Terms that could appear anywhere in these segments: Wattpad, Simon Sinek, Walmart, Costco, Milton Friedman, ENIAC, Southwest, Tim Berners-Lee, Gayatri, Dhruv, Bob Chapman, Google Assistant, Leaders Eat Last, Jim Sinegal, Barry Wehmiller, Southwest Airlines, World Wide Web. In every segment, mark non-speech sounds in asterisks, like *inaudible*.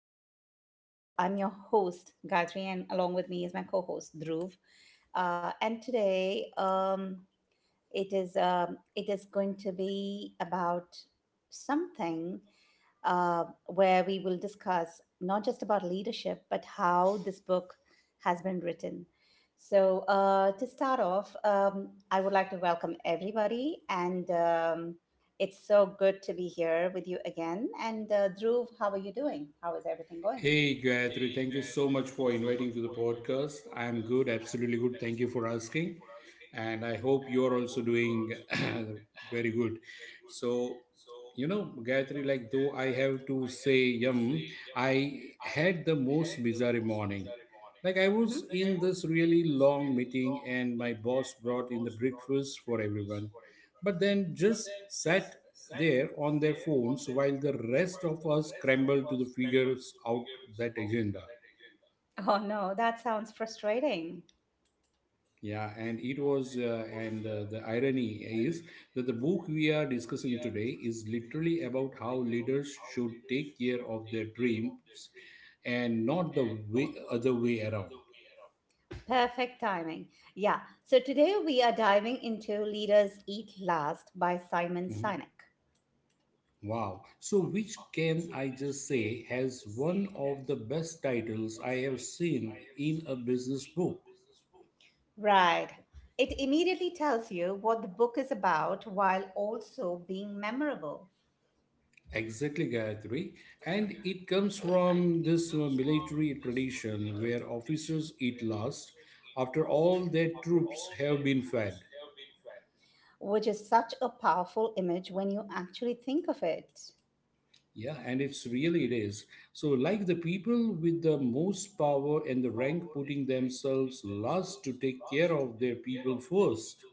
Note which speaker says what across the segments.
Speaker 1: I'm your I'm your host Gayatri, and along with me is my co-host Dhruv. And today, it is going to be about something where we will discuss not just about leadership, but how this book has been written. So, to start off, I would like to welcome everybody, and it's so good to be here with you again. And, Dhruv, how are you doing? How is everything going?
Speaker 2: Hey Gayatri, thank you so much for inviting to the podcast. I'm good, absolutely good. Thank you for asking. And I hope you're also doing *clears throat* very good. So, you know, Gayatri, like though I have to say, I had the most bizarre morning. Like I was
Speaker 1: Hmm.
Speaker 2: in this really long meeting and my boss brought in the breakfast for everyone but then just sat there on their phones while the rest of us scrambled to the figures out that agenda.
Speaker 1: Oh, no, that sounds frustrating.
Speaker 2: Yeah, and it was and the irony is that the book we are discussing today is literally about how leaders should take care of their dreams and not the way, other way around.
Speaker 1: Perfect timing. Yeah. So today we are diving into Leaders Eat Last by Simon
Speaker 2: Mhm.
Speaker 1: Sinek.
Speaker 2: Wow. So, which can I just say has one of the best titles I have seen in a business book?
Speaker 1: Right. It immediately tells you what the book is about while also being memorable,
Speaker 2: Exactly, Gayatri. And it comes from this military tradition where officers eat last after all their troops have been fed.
Speaker 1: which is such a powerful image when you actually think of it.
Speaker 2: Yeah, and it is. So, like the people with the most power and the rank putting themselves last to take care of their people first.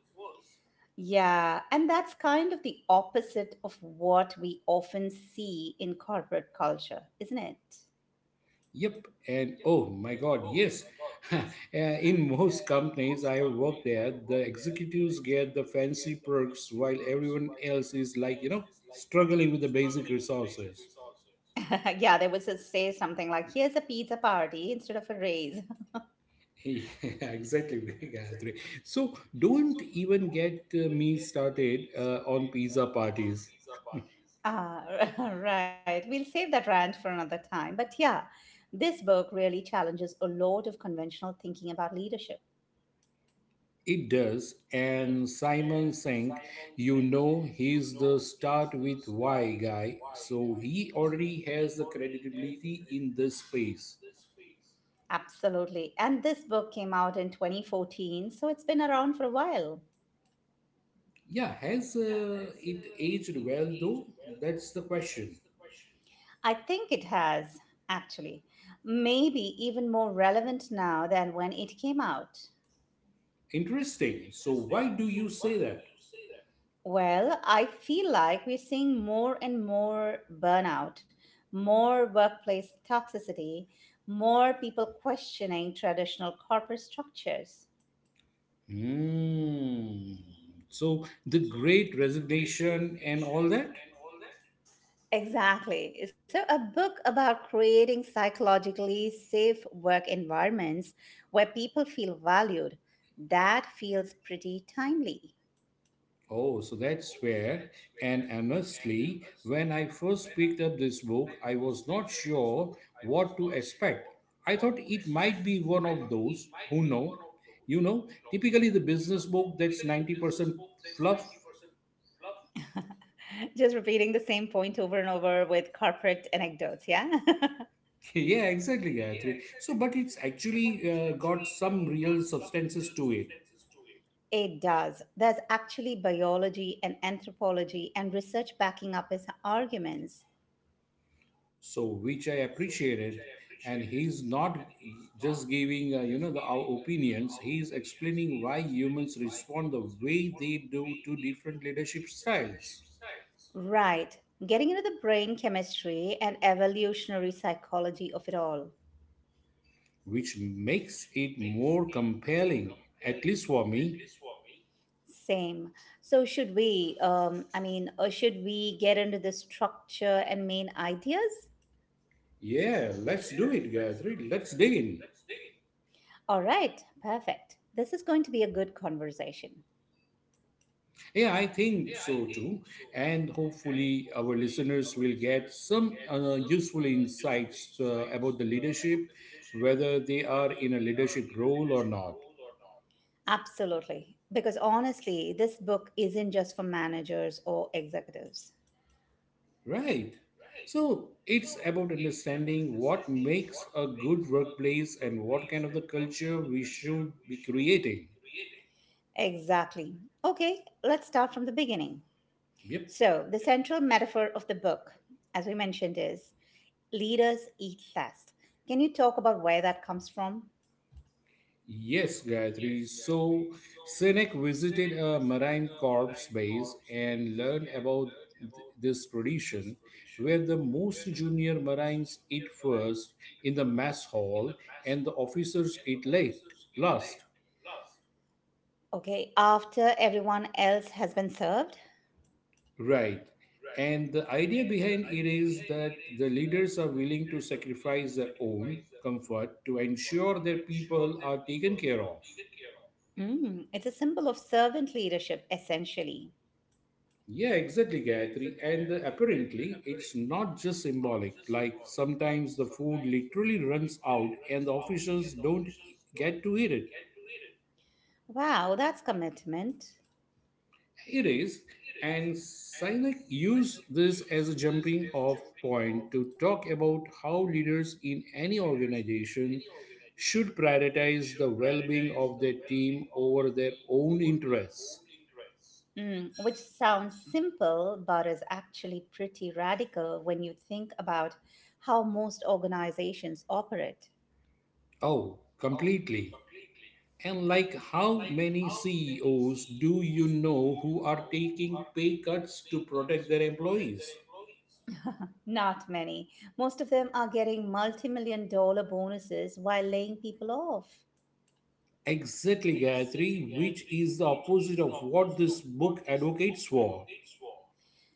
Speaker 1: Yeah, and that's kind of the opposite of what we often see in corporate culture, isn't it?
Speaker 2: Yep, and oh my God, yes. *laughs* Uh, In most companies I have worked there, the executives get the fancy perks while everyone else is like, you know, struggling with the basic resources.
Speaker 1: *laughs* Yeah, they would just say something like, here's a pizza party instead of a raise. *laughs*
Speaker 2: *laughs* Yeah, exactly, *laughs* Gayatri. So don't even get me started on pizza parties.
Speaker 1: Ah, *laughs* right. We'll save that rant for another time. But yeah, this book really challenges a lot of conventional thinking about leadership.
Speaker 2: It does. And Simon Sank, you know, he's the start with why guy. So he already has the credibility in this space.
Speaker 1: Absolutely. And this book came out in 2014, so it's been around for a while.
Speaker 2: Yeah, has it aged well though? That's the question.
Speaker 1: I think it has, actually. Maybe even more relevant now than when it came out.
Speaker 2: Interesting. So why do you say that?
Speaker 1: Well, I feel like we're seeing more and more burnout, more workplace toxicity, more people questioning traditional corporate structures.
Speaker 2: Hmm. So the great resignation and all that?
Speaker 1: Exactly. So, a book about creating psychologically safe work environments where people feel valued, that feels pretty timely.
Speaker 2: Oh, so that's where. And honestly, when I first picked up this book, I was not sure what to expect. I thought it might be one of those who know, you know, typically the business book that's 90% fluff.
Speaker 1: *laughs* Just repeating the same point over and over with corporate anecdotes, yeah? *laughs*
Speaker 2: *laughs* Yeah, exactly, Gayatri. So, but it's actually got some real substances to it.
Speaker 1: It does. There's actually biology and anthropology and research backing up his arguments.
Speaker 2: So which I appreciated, and he's not just giving you know the, our opinions, he's explaining why humans respond the way they do to different leadership styles,
Speaker 1: Right. Getting into the brain chemistry and evolutionary psychology of it all.
Speaker 2: which makes it more compelling, at least for me.
Speaker 1: Same. So should we I mean, should we get into the structure and main ideas?
Speaker 2: Yeah, let's do it, Gayatri, let's dig in.
Speaker 1: All right, perfect. This is going to be a good conversation.
Speaker 2: Yeah, I think so too, and hopefully our listeners will get some useful insights about the leadership, whether they are in a leadership role or not.
Speaker 1: Absolutely. Because honestly, this book isn't just for managers or executives.
Speaker 2: Right. So it's about understanding what makes a good workplace and what kind of the culture we should be creating.
Speaker 1: Exactly. Okay, let's start from the beginning.
Speaker 2: Yep.
Speaker 1: So, the central metaphor of the book, as we mentioned, is leaders eat last. Can you talk about where that comes from?
Speaker 2: Yes, Gayatri. So Sinek visited a Marine Corps base and learned about this tradition where the most junior Marines eat first in the mess hall and the officers eat late last.
Speaker 1: Okay, after everyone else has been served?
Speaker 2: Right. And the idea behind it is that the leaders are willing to sacrifice their own comfort to ensure their people are taken care of.
Speaker 1: Mm, it's a symbol of servant leadership, essentially.
Speaker 2: Yeah, exactly, Gayatri. And apparently, it's not just symbolic. Like sometimes the food literally runs out and the officials don't get to eat it.
Speaker 1: Wow, that's commitment.
Speaker 2: It is, and Sinek used this as a jumping off point to talk about how leaders in any organization should prioritize the well being of their team over their own interests.
Speaker 1: Mm, which sounds simple, but is actually pretty radical when you think about how most organizations operate.
Speaker 2: Oh, completely. And like how many CEOs do you know who are taking pay cuts to protect their employees?
Speaker 1: Not many. Most of them are getting multi million dollar bonuses while laying people off.
Speaker 2: Exactly, Gayatri, which is the opposite of what this book advocates for.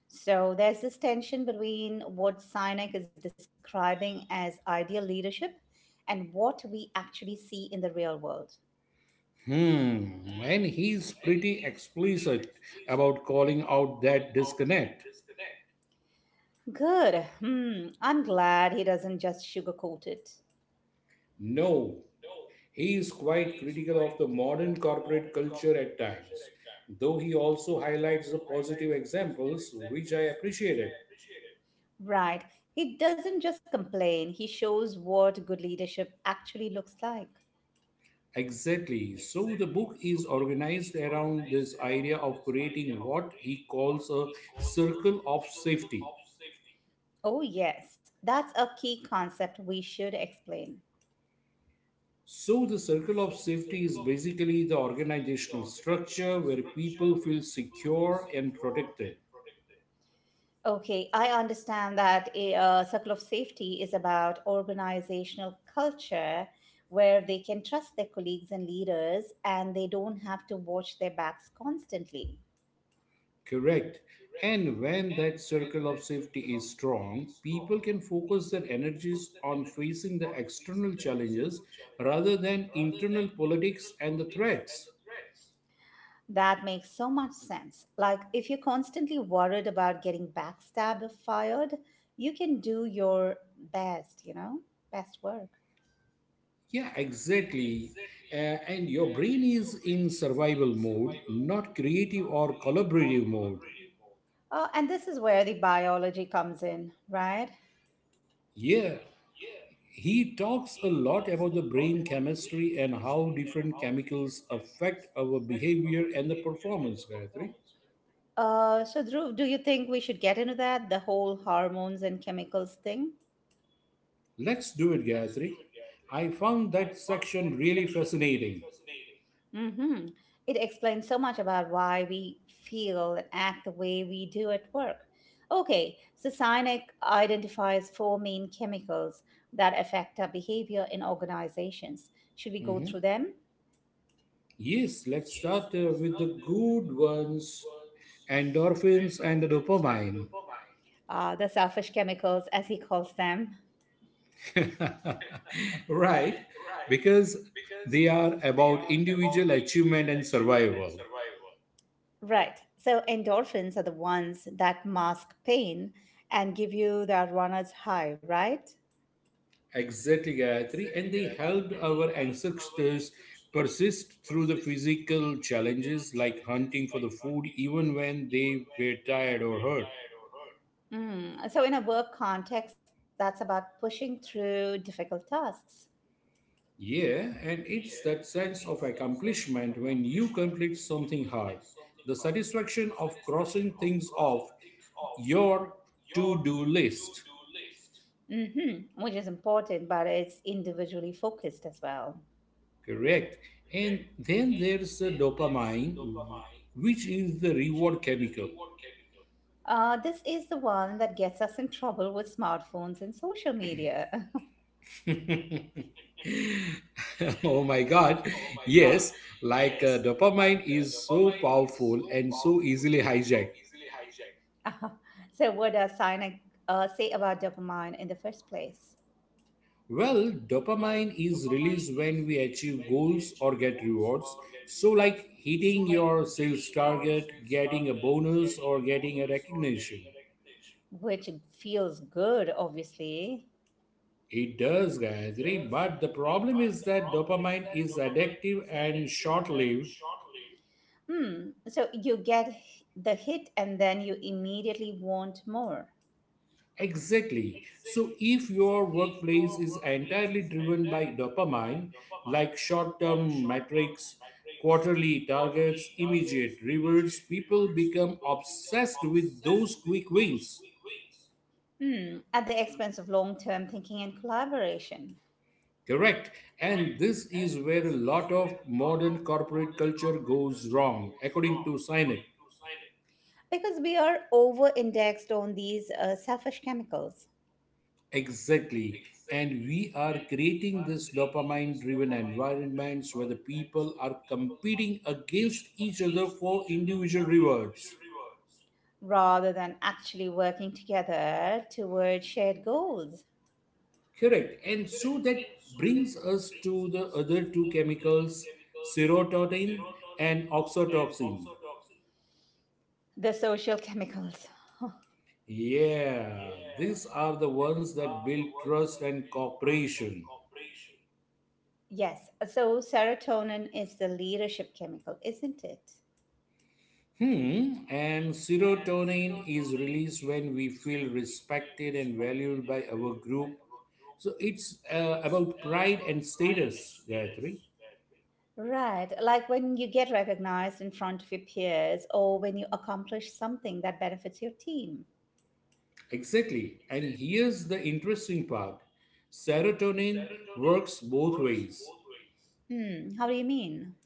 Speaker 1: So there's this tension between what Sinek is describing as ideal leadership and what we actually see in the real world.
Speaker 2: Hmm, and he's pretty explicit about calling out that disconnect.
Speaker 1: Good. Hmm. I'm glad he doesn't just sugarcoat it.
Speaker 2: No, he is quite critical of the modern corporate culture at times, though he also highlights the positive examples, which I appreciated.
Speaker 1: Right. He doesn't just complain, he shows what good leadership actually looks like.
Speaker 2: Exactly. So the book is organized around this idea of creating what he calls a circle of safety.
Speaker 1: Oh, yes. That's a key concept we should explain.
Speaker 2: So, the circle of safety is basically the organizational structure where people feel secure and protected.
Speaker 1: Okay, I understand that a circle of safety is about organizational culture where they can trust their colleagues and leaders and they don't have to watch their backs constantly.
Speaker 2: Correct. And when that circle of safety is strong, people can focus their energies on facing the external challenges rather than internal politics and the threats.
Speaker 1: That makes so much sense. Like, if you're constantly worried about getting backstabbed or fired, you can do your best, you know, best work.
Speaker 2: Yeah, exactly. Uh, and your brain is in survival mode, not creative or collaborative mode.
Speaker 1: And this is where the biology comes in, right?
Speaker 2: Yeah. He talks a lot about the brain chemistry and how different chemicals affect our behavior and the performance, Gayatri.
Speaker 1: So, Dhruv, do you think we should get into that, the whole hormones and chemicals thing?
Speaker 2: Let's do it, Gayatri. I found that section really fascinating.
Speaker 1: Hmm. It explains so much about why we feel and act the way we do at work. Okay, so Sinek identifies four main chemicals that affect our behavior in organizations. Should we go
Speaker 2: Mhm.
Speaker 1: through them?
Speaker 2: Yes, let's start with the good ones, endorphins and dopamine.
Speaker 1: The selfish chemicals, as he calls them.
Speaker 2: *laughs* Right? Because they are about individual achievement and survival.
Speaker 1: Right. So endorphins are the ones that mask pain and give you that runner's high, right?
Speaker 2: Exactly, Gayatri. And they helped our ancestors persist through the physical challenges like hunting for the food, even when they were tired or hurt.
Speaker 1: Mm. So in a work context, that's about pushing through difficult tasks.
Speaker 2: Yeah, and it's that sense of accomplishment when you complete something hard. The satisfaction of crossing things off your to do list.
Speaker 1: Mm-hmm, which is important, but it's individually focused as well.
Speaker 2: Correct. And then there's the dopamine, which is the reward chemical.
Speaker 1: This is the one that gets us in trouble with smartphones and social media.
Speaker 2: *laughs* Oh my god, yes. Like dopamine is so powerful and so easily hijacked.
Speaker 1: *laughs* So, what does Sinek say about dopamine in the first place?
Speaker 2: Well, dopamine is released when we achieve goals or get rewards, so like hitting your sales target, getting a bonus, or getting a recognition.
Speaker 1: Which feels good, obviously.
Speaker 2: It does guys, right? But the problem is that dopamine is addictive and short lived.
Speaker 1: Hmm. So you get the hit, and then you immediately want more.
Speaker 2: Exactly. So, if your workplace is entirely driven by dopamine, like short term metrics, quarterly targets, immediate rewards, people become obsessed with those quick wins.
Speaker 1: Hmm. At the expense of long-term thinking and collaboration,
Speaker 2: Correct. And this is where a lot of modern corporate culture goes wrong, according to Sinek.
Speaker 1: because we are over-indexed on these selfish chemicals.
Speaker 2: Exactly. And we are creating this dopamine driven environments where the people are competing against each other for individual rewards.
Speaker 1: Rather than actually working together toward shared goals.
Speaker 2: Correct. And so that brings us to the other two chemicals, serotonin and oxytocin.
Speaker 1: The social chemicals. *laughs*
Speaker 2: Yeah, these are the ones that build trust and cooperation.
Speaker 1: Yes, so serotonin is the leadership chemical, isn't it?
Speaker 2: Hmm, and serotonin is released when we feel respected and valued by our group. So it's about pride and status, Gayatri.
Speaker 1: Right, like when you get recognized in front of your peers or when you accomplish something that benefits your team.
Speaker 2: Exactly. And here's the interesting part, serotonin works both ways.
Speaker 1: Hmm, how do you mean?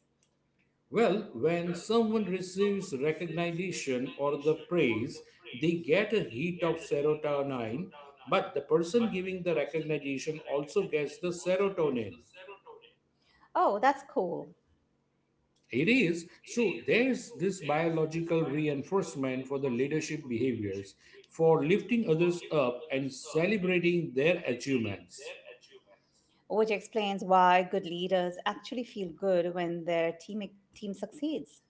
Speaker 2: Well, when someone receives recognition or the praise, they get a hit of serotonin, but the person giving the recognition also gets the serotonin.
Speaker 1: Oh, that's cool.
Speaker 2: It is. So there's this biological reinforcement for the leadership behaviors, for lifting others up and celebrating their achievements.
Speaker 1: Which explains why good leaders actually feel good when their team succeeds.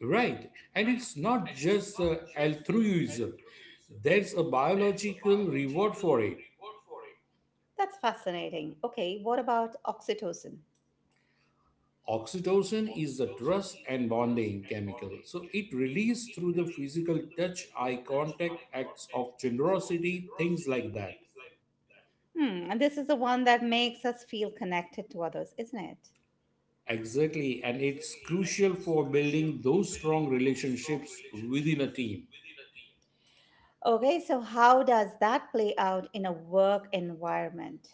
Speaker 2: Right. And it's not just altruism, there's a biological reward for it.
Speaker 1: That's fascinating. Okay, what about oxytocin?
Speaker 2: Oxytocin is the trust and bonding chemical. So it released through the physical touch, eye contact, acts of generosity, things like that.
Speaker 1: Hmm, and this is the one that makes us feel connected to others, isn't it?
Speaker 2: Exactly, and it's crucial for building those strong relationships within a team.
Speaker 1: Okay, so how does that play out in a work environment?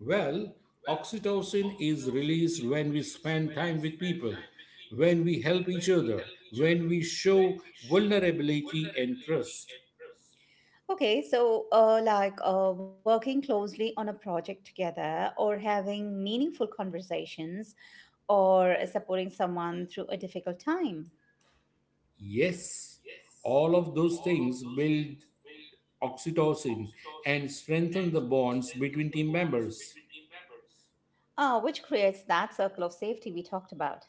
Speaker 2: Well, oxytocin is released when we spend time with people, when we help each other, when we show vulnerability and trust.
Speaker 1: Okay, so like working closely on a project together or having meaningful conversations or supporting someone through a difficult time,
Speaker 2: Yes, all of those things build oxytocin and strengthen the bonds between team members.
Speaker 1: which creates that circle of safety we talked about.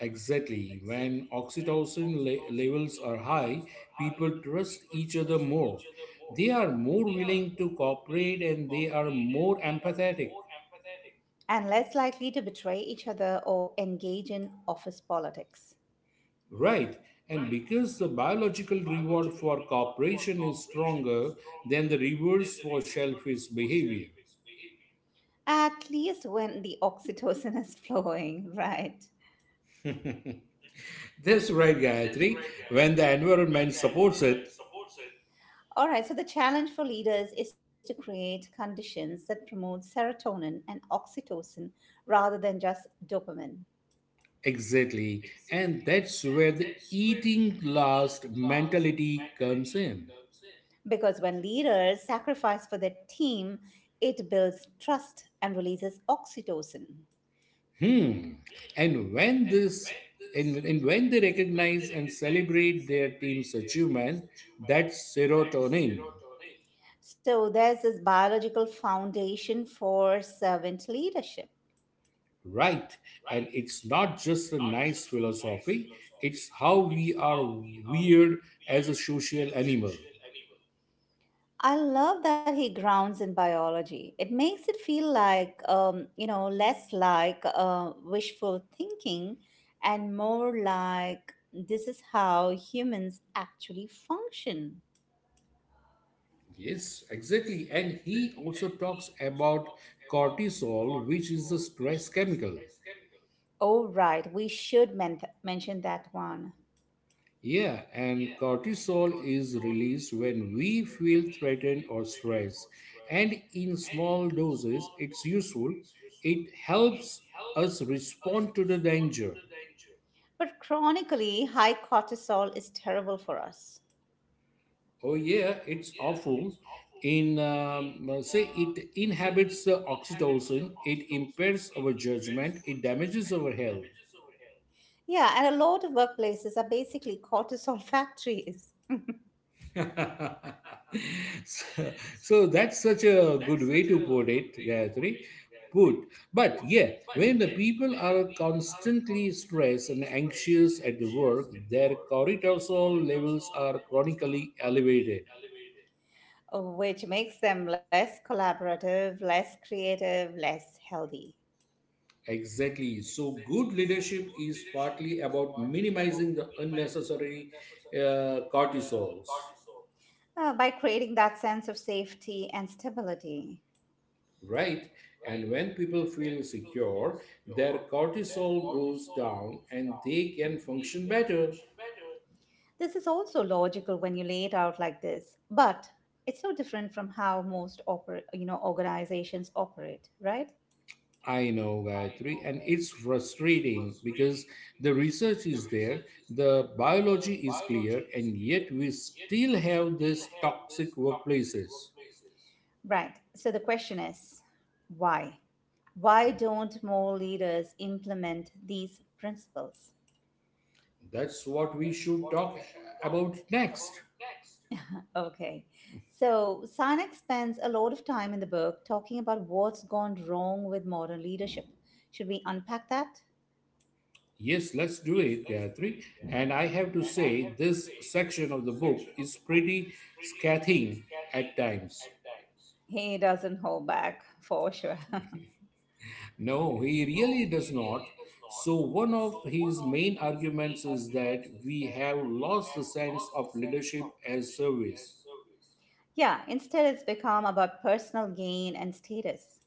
Speaker 2: Exactly. When oxytocin levels are high, people trust each other more. They are more willing to cooperate and they are more empathetic.
Speaker 1: And less likely to betray each other or engage in office politics.
Speaker 2: Right. And because the biological reward for cooperation is stronger than the rewards for selfish behavior.
Speaker 1: At least when the *laughs* oxytocin is flowing, right?
Speaker 2: That's right, Gayatri. When the environment supports it,
Speaker 1: All right, so the challenge for leaders is to create conditions that promote serotonin and oxytocin rather than just dopamine.
Speaker 2: exactly. And that's where the eating last mentality comes in.
Speaker 1: Because when leaders sacrifice for their team, it builds trust and releases oxytocin.
Speaker 2: Hmm. And when this and when they recognize and celebrate their team's achievement, that's serotonin,
Speaker 1: So there's this biological foundation for servant leadership.
Speaker 2: right? And it's not just a nice philosophy, it's how we are weird as a social animal.
Speaker 1: I love that he grounds in biology. It makes it feel like, you know, less like wishful thinking and more like this is how humans actually function.
Speaker 2: Yes, exactly. And he also talks about cortisol, which is the stress chemical.
Speaker 1: Oh, right, we should mention that one.
Speaker 2: Yeah, and cortisol is released when we feel threatened or stressed. And in small doses, it's useful. It helps us respond to the danger.
Speaker 1: But chronically, high cortisol is terrible for us.
Speaker 2: Oh, yeah, it's awful. In Say it inhibits the oxytocin, it impairs our judgment, it damages our health.
Speaker 1: Yeah, and a lot of workplaces are basically cortisol *laughs* factories,
Speaker 2: *laughs* So, so that's such a good way to put it, Gayatri. Put. But yeah, when the people are constantly stressed and anxious at the work, their cortisol levels are chronically elevated.
Speaker 1: which makes them less collaborative, less creative, less healthy.
Speaker 2: Exactly. So, good leadership is partly about minimizing the unnecessary cortisols.
Speaker 1: By creating that sense of safety and stability.
Speaker 2: Right? And when people feel secure, their cortisol goes down and they can function better.
Speaker 1: This is also logical when you lay it out like this, but it's so different from how most organizations operate, right?
Speaker 2: I know, Gayatri, and it's frustrating because the research is there, the biology is clear, and yet we still have these toxic workplaces.
Speaker 1: Right. So the question is, why? Why don't more leaders implement these principles?
Speaker 2: That's what we should talk about next.
Speaker 1: Okay. So Sinek spends a lot of time in the book talking about what's gone wrong with modern leadership. Should we unpack that?
Speaker 2: Yes, let's do it, Gayatri. And I have to say, this section of the book is pretty scathing at times.
Speaker 1: He doesn't hold back for sure.
Speaker 2: No, he really does not. So, one of his main arguments is that we have lost the sense of leadership as service.
Speaker 1: Yeah, instead it's become about personal gain and status.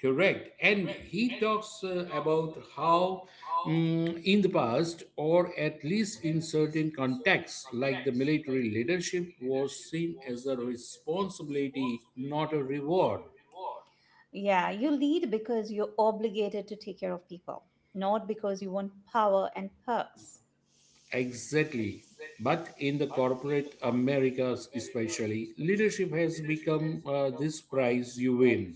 Speaker 2: Correct. And he talks about how, mm, in the past, or at least in certain contexts, like the military, leadership was seen as a responsibility, not a reward.
Speaker 1: Yeah, you lead because you're obligated to take care of people, not because you want power and perks.
Speaker 2: Exactly. But in the corporate Americas, especially, leadership has become this prize you win.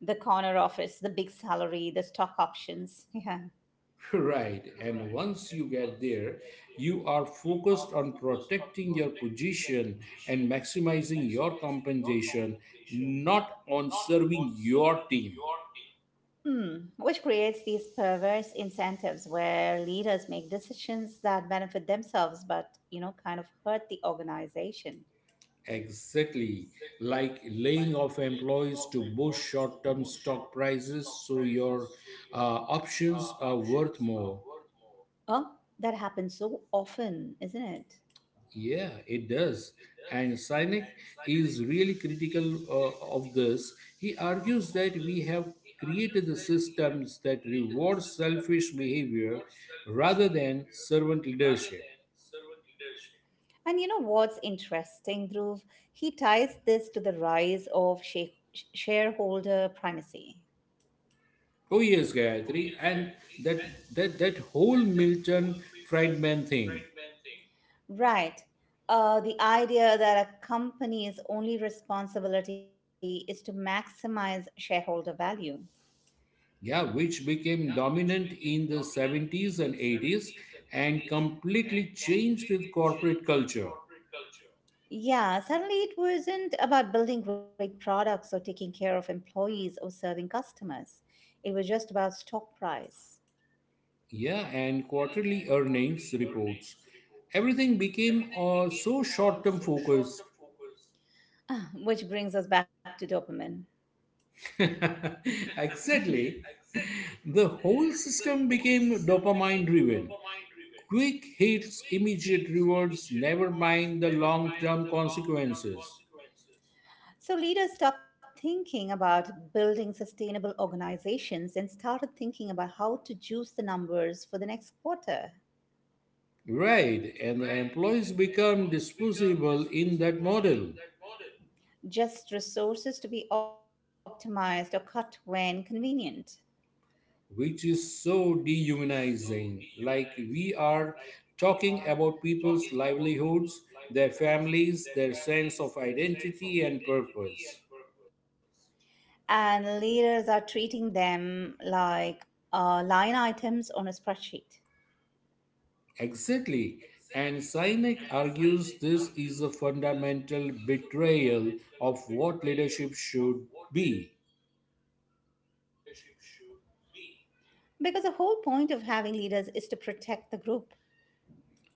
Speaker 1: The corner office, the big salary, the stock options. *laughs* Yeah.
Speaker 2: *laughs* Right. And once you get there, you are focused on protecting your position and maximizing your compensation, not on serving your team.
Speaker 1: Hmm. Which creates these perverse incentives where leaders make decisions that benefit themselves but, kind of hurt the organization.
Speaker 2: Exactly. Like laying off employees to boost short term stock prices so your options are worth more.
Speaker 1: Oh, that happens so often, isn't it?
Speaker 2: Yeah, it does. And Sinek is really critical of this. He argues that we have created the systems that reward selfish behavior rather than servant leadership.
Speaker 1: And you know what's interesting, Dhruv? He ties this to the rise of shareholder primacy.
Speaker 2: Oh yes, Gayatri, and that that whole Milton Friedman thing,
Speaker 1: Right. The idea that a company's only responsibility is to maximize shareholder value.
Speaker 2: yeah, which became dominant in the 70s and 80s and completely changed the corporate culture.
Speaker 1: Yeah, suddenly it wasn't about building great products or taking care of employees or serving customers. It was just about stock price,
Speaker 2: Yeah, and quarterly earnings reports. Everything became so short term focused.
Speaker 1: *laughs* *sighs* which brings us back to dopamine.
Speaker 2: *laughs* Exactly. The whole system became dopamine driven. Quick hits, immediate rewards, never mind the long term consequences.
Speaker 1: So leaders stopped thinking about building sustainable organizations and started thinking about how to juice the numbers for the next quarter.
Speaker 2: Right, and the employees become disposable in that model.
Speaker 1: Just resources to be optimized or cut when convenient.
Speaker 2: Which is so dehumanizing. Like we are talking about people's livelihoods, their families, their sense of identity and purpose.
Speaker 1: And leaders are treating them like line items on a spreadsheet.
Speaker 2: Exactly. And Sinek argues this is a fundamental betrayal of what leadership should be.
Speaker 1: Because the whole point of having leaders is to protect the group.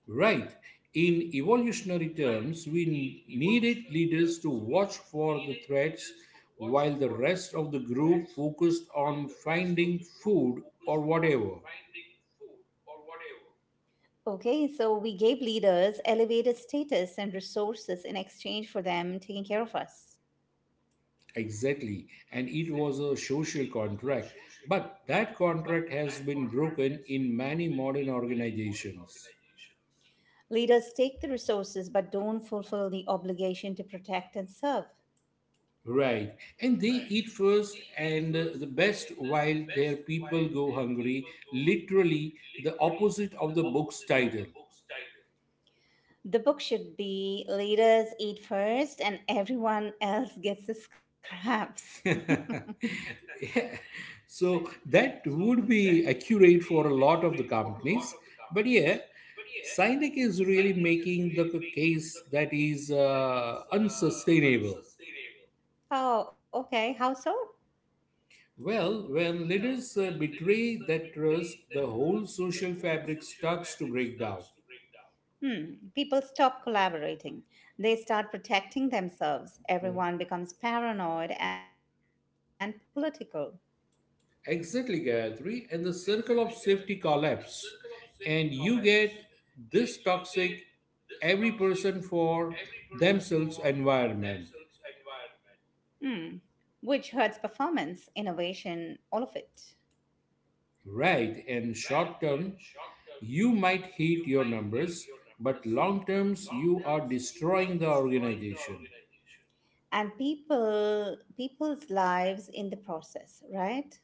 Speaker 2: Right. In evolutionary terms, we needed leaders to watch for the threats while the rest of the group focused on finding food or whatever.
Speaker 1: Okay, so we gave leaders elevated status and resources in exchange for them taking care of us.
Speaker 2: Exactly. And it was a social contract. But that contract has been broken in many modern organizations.
Speaker 1: Leaders take the resources but don't fulfill the obligation to protect and serve.
Speaker 2: Right. And they eat first and the best while their people go hungry. Literally, the opposite of the book's title.
Speaker 1: The book should be Leaders Eat First and Everyone Else Gets the Scraps. *laughs*
Speaker 2: *laughs* Yeah. So that would be accurate for a lot of the companies. But yeah, Sinek is really making the case that is unsustainable.
Speaker 1: Oh, okay. How so?
Speaker 2: Well, when leaders betray that trust, the whole social fabric starts to break down.
Speaker 1: Hmm. People stop collaborating. They start protecting themselves.
Speaker 2: Mm.
Speaker 1: Everyone becomes paranoid and political.
Speaker 2: Exactly, Gayatri, and the circle of safety collapse. And you get this toxic every person for themselves environment.
Speaker 1: Hmm. Which hurts performance, innovation, all of it.
Speaker 2: Right, and short term, you might hit your numbers, but long terms, you are destroying the organization.
Speaker 1: And people's lives in the process, right?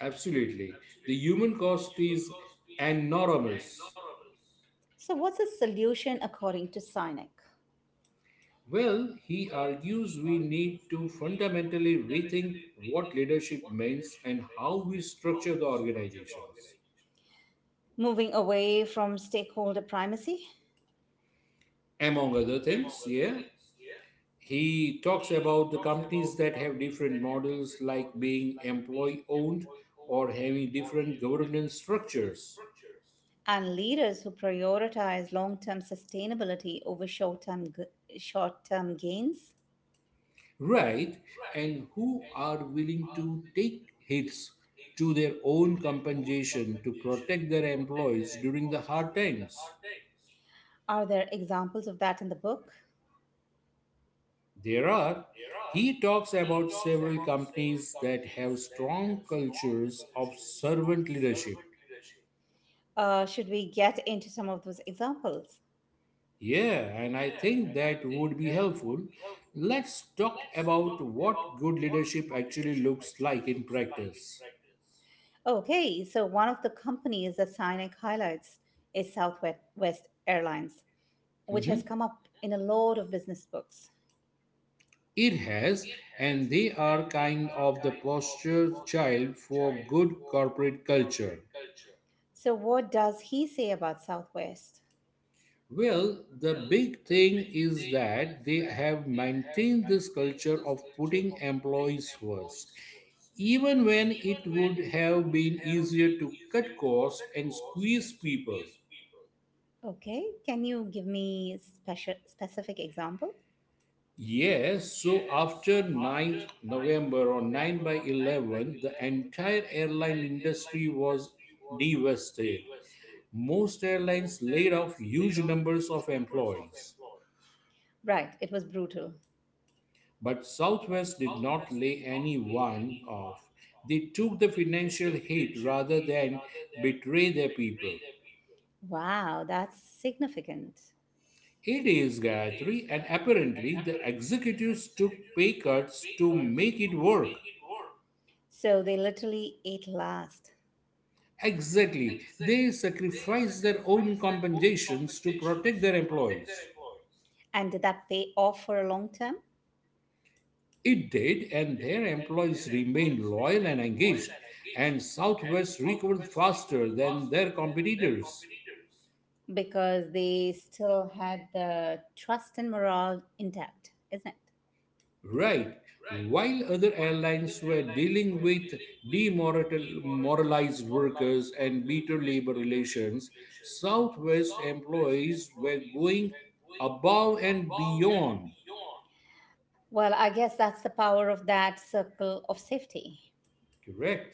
Speaker 2: Absolutely. The human cost is enormous.
Speaker 1: So, what's the solution according to Sinek?
Speaker 2: Well, he argues we need to fundamentally rethink what leadership means and how we structure the organizations.
Speaker 1: Moving away from stakeholder primacy
Speaker 2: Among other things, yeah. He talks about the companies that have different models like being employee owned or having different governance structures.
Speaker 1: and leaders who prioritize long term sustainability over short term gains.
Speaker 2: Right, and who are willing to take hits to their own compensation to protect their employees during the hard times.
Speaker 1: Are there examples of that in the book?
Speaker 2: There are. He talks about several companies that have strong cultures of servant leadership.
Speaker 1: Should we get into some of those examples?
Speaker 2: Yeah, and I think that would be helpful. Let's talk about what good leadership actually looks like in practice.
Speaker 1: Okay, so one of the companies that Sinek highlights is Southwest Airlines, which
Speaker 2: Mhm.
Speaker 1: has come up in a lot of business books.
Speaker 2: It has, and they are kind of the poster child for good corporate culture.
Speaker 1: So, what does he say about Southwest?
Speaker 2: Well, the big thing is that they have maintained this culture of putting employees first, even when it would have been easier to cut costs and squeeze people.
Speaker 1: Okay, can you give me special specific example?
Speaker 2: Yes, so after ninth November or 9 by 11, the entire airline industry was devastated. Most airlines laid off huge numbers of employees.
Speaker 1: Right, it was brutal.
Speaker 2: But Southwest did not lay anyone off. They took the financial hit rather than betray their people.
Speaker 1: Wow, that's significant.
Speaker 2: It is, Gayatri, and apparently the executives took pay cuts to make it work.
Speaker 1: So they literally ate last.
Speaker 2: Exactly. They sacrifice their own compensations to protect their employees.
Speaker 1: And did that pay off for a long term?
Speaker 2: It did, and their employees remained loyal and engaged, and Southwest recovered faster than their competitors.
Speaker 1: Because they still had the trust and morale intact, isn't it?
Speaker 2: Right. While other airlines were dealing with demoralized workers and bitter labor relations, Southwest employees were going above and beyond.
Speaker 1: Well, I guess that's the power of that circle of safety.
Speaker 2: Correct.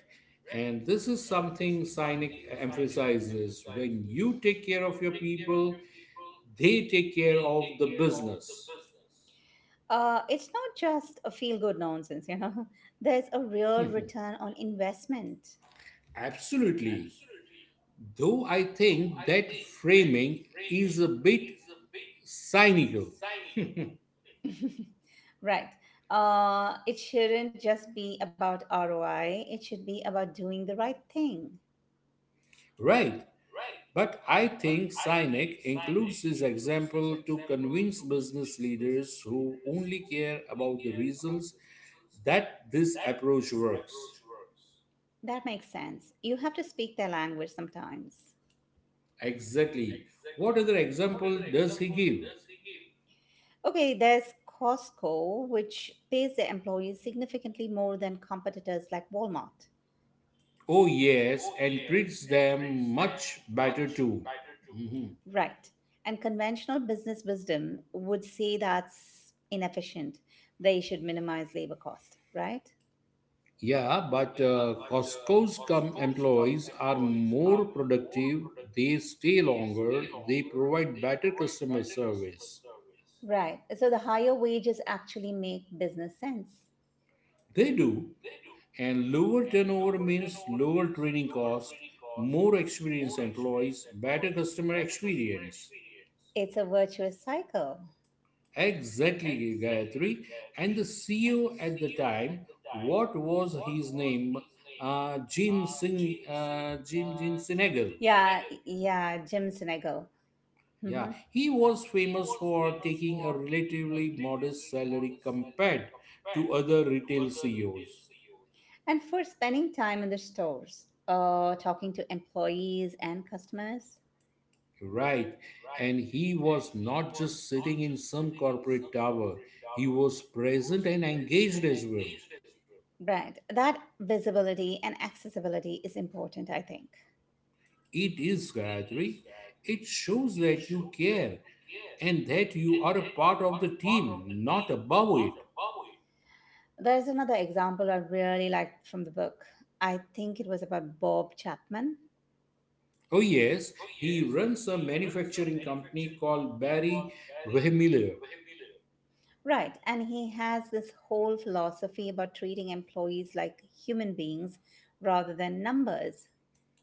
Speaker 2: And this is something Sinek emphasizes. When you take care of your people, they take care of the business.
Speaker 1: It's not just a feel good nonsense, *laughs* there's a real return on investment.
Speaker 2: Absolutely. Though I think that framing is a bit cynical,
Speaker 1: Right. It shouldn't just be about ROI, it should be about doing the right thing.
Speaker 2: right? But I think Sinek includes this example to convince business leaders who only care about the results that this approach works.
Speaker 1: That makes sense. You have to speak their language sometimes.
Speaker 2: Exactly. What other example does he give?
Speaker 1: Okay, there's Costco, which pays their employees significantly more than competitors like Walmart.
Speaker 2: Oh, yes, and treats them much better too. Mhm.
Speaker 1: Right. And conventional business wisdom would say that's inefficient. They should minimize labor cost, right?
Speaker 2: Yeah, but employees are more productive, they stay longer, they provide better
Speaker 1: Provide
Speaker 2: customer
Speaker 1: better
Speaker 2: service.
Speaker 1: service. Right. So the higher wages actually make business sense.
Speaker 2: They do, and lower
Speaker 1: And
Speaker 2: turnover means
Speaker 1: turnover
Speaker 2: lower training cost,
Speaker 1: training costs,
Speaker 2: more experienced employees, better
Speaker 1: employees,
Speaker 2: customer
Speaker 1: better customer
Speaker 2: experience.
Speaker 1: experience. It's a virtuous cycle.
Speaker 2: Exactly,
Speaker 1: Thanks,
Speaker 2: Gayatri. And
Speaker 1: guys.
Speaker 2: the CEO at
Speaker 1: See
Speaker 2: the
Speaker 1: you
Speaker 2: time,
Speaker 1: the time.
Speaker 2: what was
Speaker 1: What
Speaker 2: his
Speaker 1: was
Speaker 2: name? Uh, Jim Singh,
Speaker 1: Jim?
Speaker 2: uh, Jim
Speaker 1: Uh,
Speaker 2: Jim Sinegal.
Speaker 1: Jim Sinegal. hmm
Speaker 2: Yeah, he was famous for taking a relatively modest salary compared to other retail CEOs.
Speaker 1: And for spending time in the stores, talking to employees and customers.
Speaker 2: Right. And he was not just sitting in some corporate tower, he was present and engaged as well.
Speaker 1: Right. That visibility and accessibility is important, I think.
Speaker 2: It is, Gayatri. It shows that you care and that you are a part of the team, not above it.
Speaker 1: There's another example I really liked from the book. I think it was about Bob Chapman.
Speaker 2: Oh, yes, he runs a manufacturing company called Barry Wehmiller.
Speaker 1: Right. And he has this whole philosophy about treating employees like human beings rather than numbers,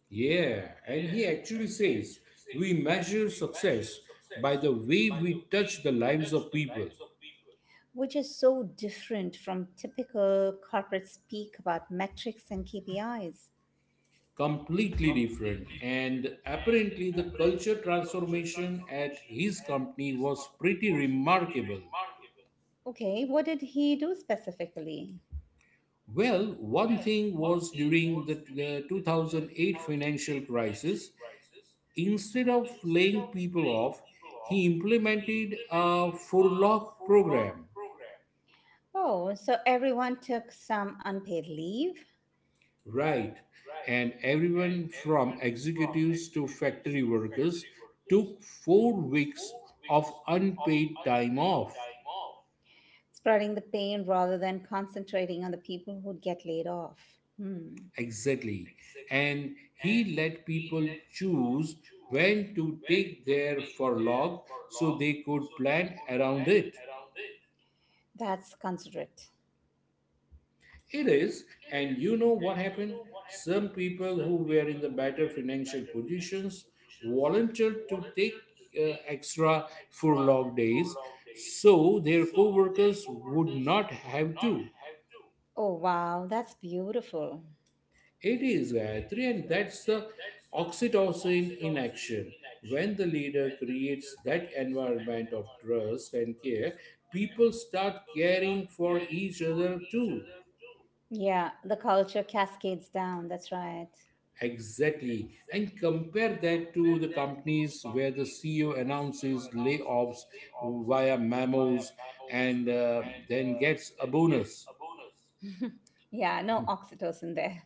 Speaker 2: Yeah, and he actually says we measure success by the way we touch the lives of people.
Speaker 1: which is so different from typical corporate speak about metrics and KPIs.
Speaker 2: Completely different. And apparently, the culture transformation at his company was pretty remarkable.
Speaker 1: Okay. What did he do specifically?
Speaker 2: Well, one thing was during the 2008 financial crisis, instead of laying people off, he implemented a furlough program,
Speaker 1: Oh, so everyone took some unpaid leave
Speaker 2: right? And everyone from executives to factory workers took 4 weeks of unpaid time off.
Speaker 1: spreading the pain rather than concentrating on the people who'd get laid off. Hmm,
Speaker 2: Exactly. And he let people choose when to take their furlough so they could plan around it.
Speaker 1: that's considerate.
Speaker 2: It is, and you know what happened? Some people who were in the better financial positions volunteered to take extra furlough days so their co-workers would not have to.
Speaker 1: Oh, wow, that's beautiful.
Speaker 2: It is, Gayatri, and that's the oxytocin in action. When the leader creates that environment of trust and care, people start caring for each other too.
Speaker 1: Yeah, the culture cascades down. That's right.
Speaker 2: Exactly. And compare that to the companies where the CEO announces layoffs via memos and then gets a bonus.
Speaker 1: Yeah, no oxytocin there.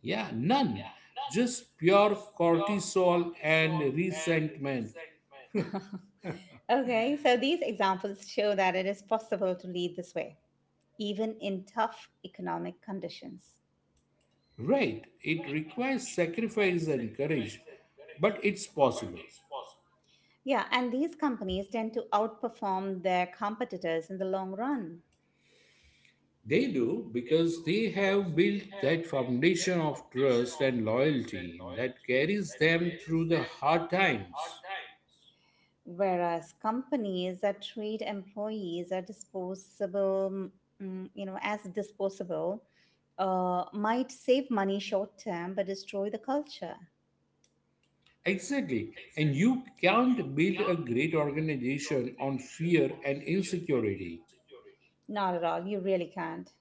Speaker 2: Yeah, none. Just pure cortisol and resentment.
Speaker 1: Okay, so these examples show that it is possible to lead this way, even in tough economic conditions.
Speaker 2: Right. It requires sacrifice and courage, but it's possible.
Speaker 1: Yeah, and these companies tend to outperform their competitors in the long run.
Speaker 2: They do because they have built that foundation of trust and loyalty that carries them through the hard times.
Speaker 1: Whereas companies that treat employees as disposable, you know, as disposable, might save money short term but destroy the culture.
Speaker 2: Exactly. And you can't build a great organization on fear and insecurity.
Speaker 1: Not at all. You really can't.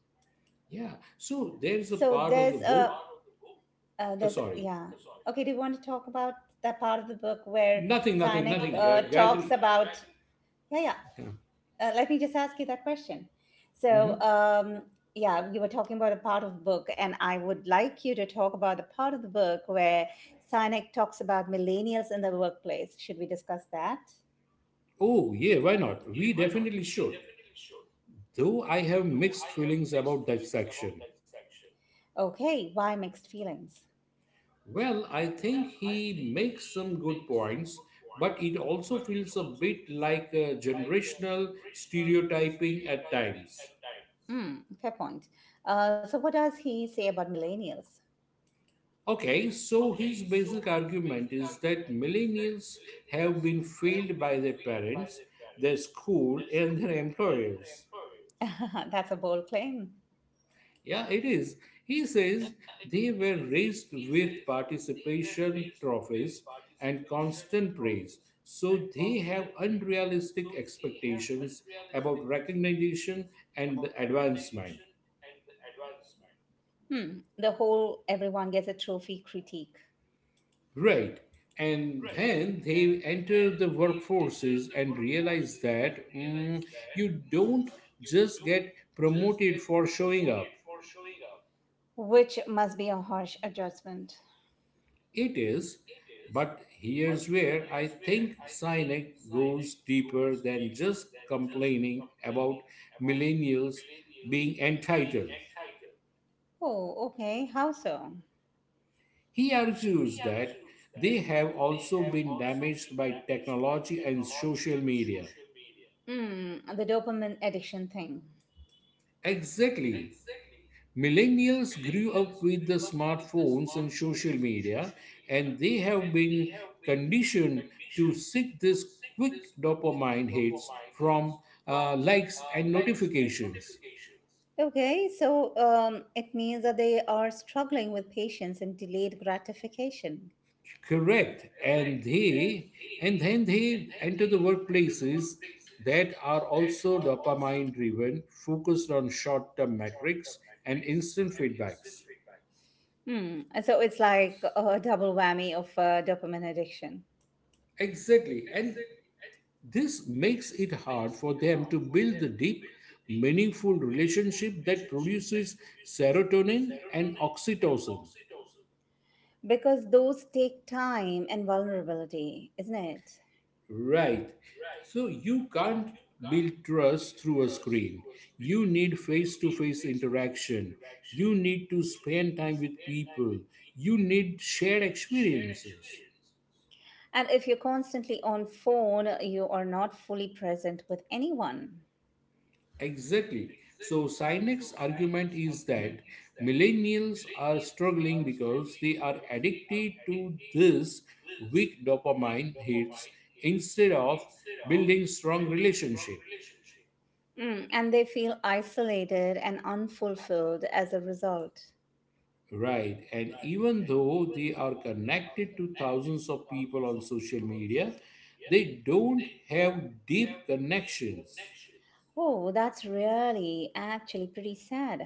Speaker 2: Yeah. So there's a
Speaker 1: So
Speaker 2: part of the
Speaker 1: there's a
Speaker 2: book.
Speaker 1: there's
Speaker 2: Sorry.
Speaker 1: yeah. Okay, do you want to talk about that part of the book where
Speaker 2: Nothing, nothing,
Speaker 1: Sinek
Speaker 2: nothing.
Speaker 1: talks
Speaker 2: Gayatri.
Speaker 1: about yeah yeah
Speaker 2: Yeah.
Speaker 1: Let me just ask you that question. So,
Speaker 2: Mhm.
Speaker 1: yeah, you were talking about a part of the book, and I would like you to talk about the part of the book where Sinek talks about millennials in the workplace. Should we discuss that?
Speaker 2: Oh, yeah, why not? We definitely should. Though I have mixed feelings about that section.
Speaker 1: Okay, why mixed feelings?
Speaker 2: Well, I think he makes some good points, but it also feels a bit like a generational stereotyping at times.
Speaker 1: Hmm, fair point. So, what does he say about millennials?
Speaker 2: Okay, so his basic argument is that millennials have been failed by their parents, their school, and their employers.
Speaker 1: *laughs* That's a bold claim.
Speaker 2: Yeah, it is. He says they were raised with participation trophies and constant praise, so they have unrealistic expectations about recognition and advancement.
Speaker 1: Hmm, the whole everyone gets a trophy critique,
Speaker 2: Right. And then they enter the workforces and realize that mm, you don't just get promoted for showing up.
Speaker 1: which must be a harsh adjustment.
Speaker 2: It is. But here's where I think Sinek goes deeper than just complaining about millennials being entitled.
Speaker 1: Oh, okay. How so?
Speaker 2: He argues that they have also been damaged by technology and social media.
Speaker 1: Hmm, the dopamine addiction thing.
Speaker 2: Exactly. Millennials grew up with the smartphones and social media, and they have been conditioned to seek these quick dopamine hits from likes and notifications.
Speaker 1: Okay, so it means that they are struggling with patience and delayed gratification.
Speaker 2: Correct, and they and then they enter the workplaces that are also dopamine driven, focused on short term metrics and instant feedbacks.
Speaker 1: Hmm, so it's like a double whammy of dopamine addiction
Speaker 2: Exactly, and this makes it hard for them to build the deep, meaningful relationship that produces serotonin and oxytocin.
Speaker 1: because those take time and vulnerability, isn't it?
Speaker 2: Right. So you can't build trust through a screen. You need face to face interaction. You need to spend time with people. You need shared experiences.
Speaker 1: And if you're constantly on phone, you are not fully present with anyone.
Speaker 2: Exactly. So Sinek's argument is that millennials are struggling because they are addicted to these weak dopamine hits instead of building strong relationship.
Speaker 1: Mm, and they feel isolated and unfulfilled as a result.
Speaker 2: Right. And even though they are connected to thousands of people on social media, they don't have deep connections.
Speaker 1: Oh, that's really actually pretty sad.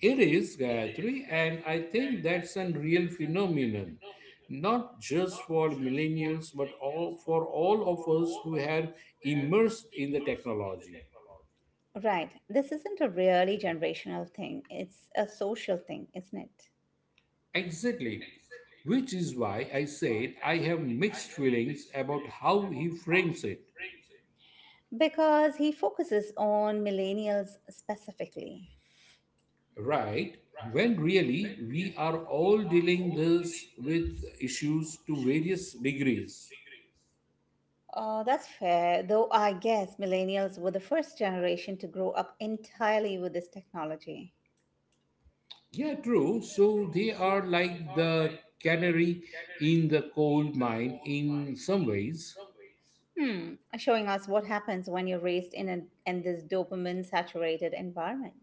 Speaker 2: It is, Gayatri, and I think that's a real phenomenon, not just for millennials, but for all of us who have immersed in the technology.
Speaker 1: Right, this isn't a really generational thing, it's a social thing, isn't it?
Speaker 2: Exactly, which is why I said I have mixed feelings about how he frames it.
Speaker 1: Because he focuses on millennials specifically.
Speaker 2: Right, when really we are all dealing this with issues to various degrees.
Speaker 1: Oh, that's fair, though I guess millennials were the first generation to grow up entirely with this technology.
Speaker 2: Yeah, true. So they are like the canary in the coal mine in some ways.
Speaker 1: Hmm, showing us what happens when you're raised in, in this dopamine saturated environment.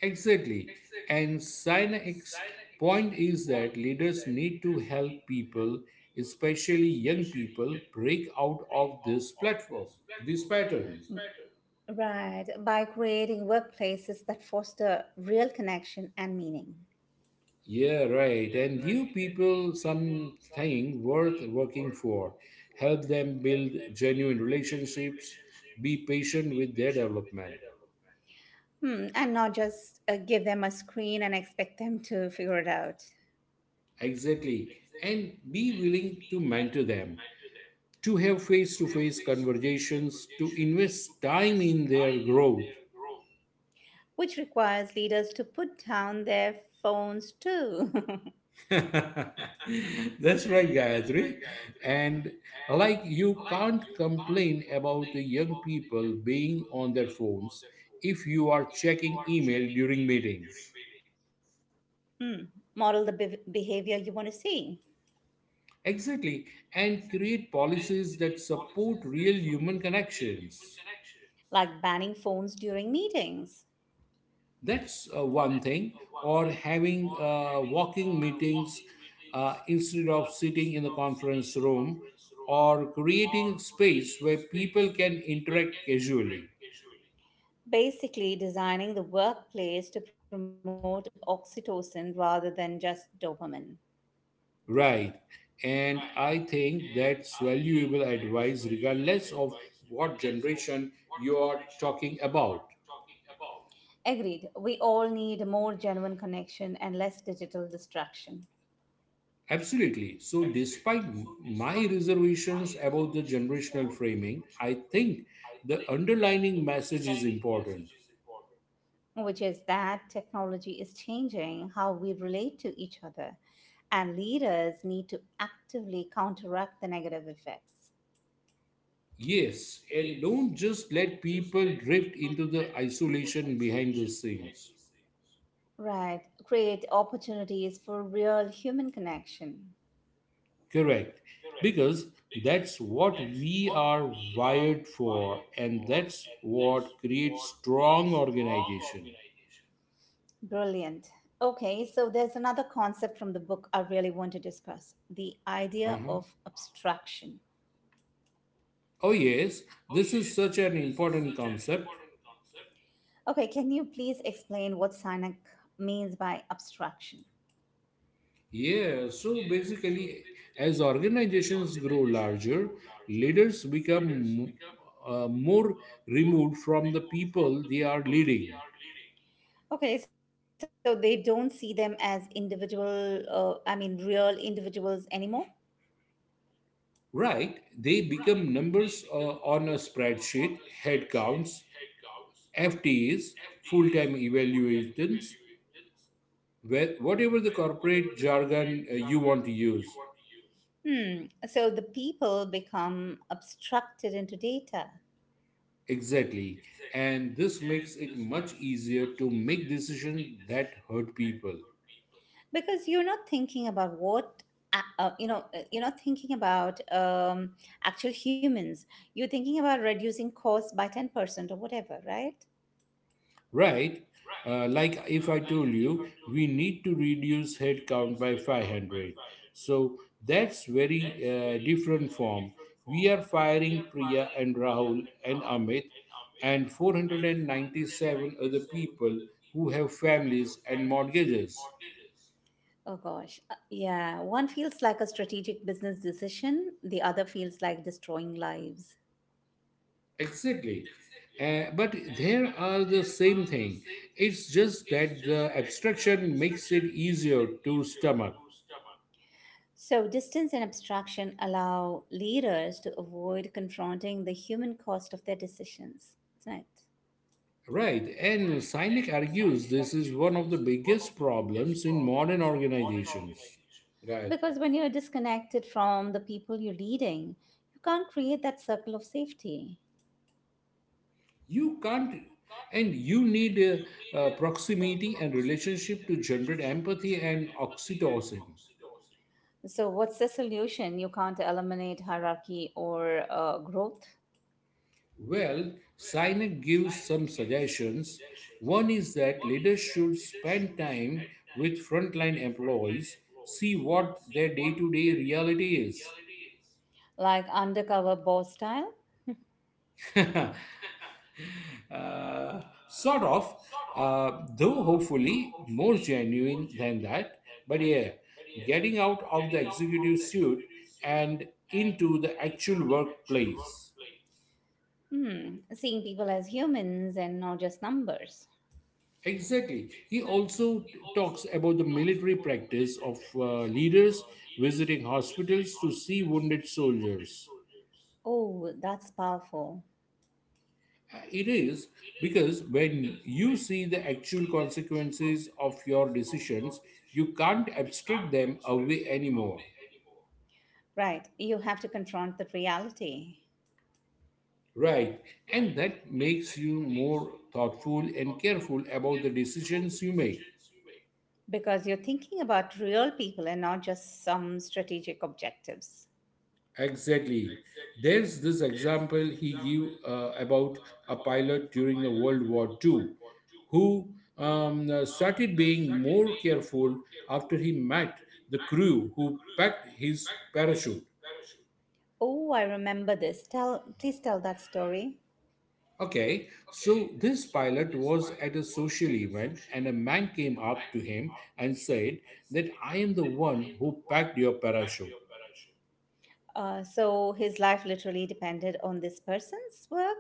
Speaker 2: Exactly. And Sinex's point is that leaders need to help people, especially young people, break out of this pattern.
Speaker 1: Right, by creating workplaces that foster real connection and meaning.
Speaker 2: Yeah, right. And give people something worth working for. Help them build genuine relationships. Be patient with their development.
Speaker 1: Hmm, and not just give them a screen and expect them to figure it out,
Speaker 2: Exactly. And be willing to mentor them, to have face to face conversations, to invest time in their growth.
Speaker 1: which requires leaders to put down their phones too. *laughs*
Speaker 2: *laughs* That's right, Gayatri. And like you can't complain about the young people being on their phones if you are checking email during meetings.
Speaker 1: Hmm, model the bev behavior you want to see,
Speaker 2: Exactly. And create policies that support real human connections.
Speaker 1: like banning phones during meetings.
Speaker 2: That's one thing. Or having walking meetings instead of sitting in the conference room, or creating space where people can interact casually.
Speaker 1: Basically, designing the workplace to promote oxytocin rather than just dopamine.
Speaker 2: Right. And I think that's valuable advice, regardless of what generation you are talking about.
Speaker 1: Agreed. We all need more genuine connection and less digital distraction,
Speaker 2: Absolutely. So, despite my reservations about the generational framing, I think the underlying message is important.
Speaker 1: which is that technology is changing how we relate to each other, and leaders need to actively counteract the negative effects.
Speaker 2: Yes, and don't just let people drift into the isolation behind the scenes.
Speaker 1: Right. Create opportunities for real human connection.
Speaker 2: Correct. Because that's what we are wired for, and that's what creates strong organization.
Speaker 1: Brilliant. Okay, so there's another concept from the book I really want to discuss the idea
Speaker 2: Uh-huh.
Speaker 1: of abstraction.
Speaker 2: Oh, yes, this is such an important concept.
Speaker 1: Okay, can you please explain what Sinek means by abstraction?
Speaker 2: Yeah, so basically, as organizations grow larger, leaders become more removed from the people they are leading.
Speaker 1: Okay, so they don't see them as individual, I mean, real individuals anymore.
Speaker 2: Right, they become numbers on a spreadsheet, headcounts, FTEs, full time evaluations, whatever the corporate jargon you want to use.
Speaker 1: Hmm. So the people become obstructed into data
Speaker 2: Exactly. And this makes it much easier to make decisions that hurt people.
Speaker 1: because you're not thinking about what. You know, you're not thinking about actual humans. You're thinking about reducing costs by 10% or whatever, right?
Speaker 2: Right? Like if I told you, we need to reduce headcount by 500. So that's very different form. We are firing Priya and Rahul and Amit and 497 other people who have families and mortgages.
Speaker 1: Oh gosh, yeah. One feels like a strategic business decision. The other feels like destroying lives.
Speaker 2: Exactly. But there are the same thing. It's just that the abstraction makes it easier to stomach.
Speaker 1: So, distance and abstraction allow leaders to avoid confronting the human cost of their decisions, isn't it?
Speaker 2: Right, and Sinek argues this is one of the biggest problems in modern organizations, Gayatri.
Speaker 1: Because when you're disconnected from the people you're leading, you can't create that circle of safety.
Speaker 2: You can't, and you need proximity and relationship to generate empathy and oxytocin.
Speaker 1: So, what's the solution? You can't eliminate hierarchy or growth,
Speaker 2: Well, Sinek gives some suggestions. One is that leaders should spend time with frontline employees, see what their day to day reality is.
Speaker 1: like undercover boss style.
Speaker 2: *laughs* Uh, sort of, though hopefully more genuine than that. But yeah, getting out of the executive suit and into the actual workplace.
Speaker 1: Hmm, seeing people as humans and not just numbers.
Speaker 2: Exactly. He also talks about the military practice of leaders visiting hospitals to see wounded soldiers.
Speaker 1: Oh, that's powerful.
Speaker 2: It is, because when you see the actual consequences of your decisions, you can't abstract them away anymore.
Speaker 1: Right, you have to confront the reality.
Speaker 2: Right. And that makes you more thoughtful and careful about the decisions you make.
Speaker 1: Because you're thinking about real people and not just some strategic objectives.
Speaker 2: Exactly. There's this example he gave about a pilot during the World War Two, who started being more careful after he met the crew who packed his parachute.
Speaker 1: Oh, I remember this. Tell, please tell that story.
Speaker 2: Okay, so this pilot was at a social event, and a man came up to him and said that I am the one who packed your parachute.
Speaker 1: So his life literally depended on this person's work,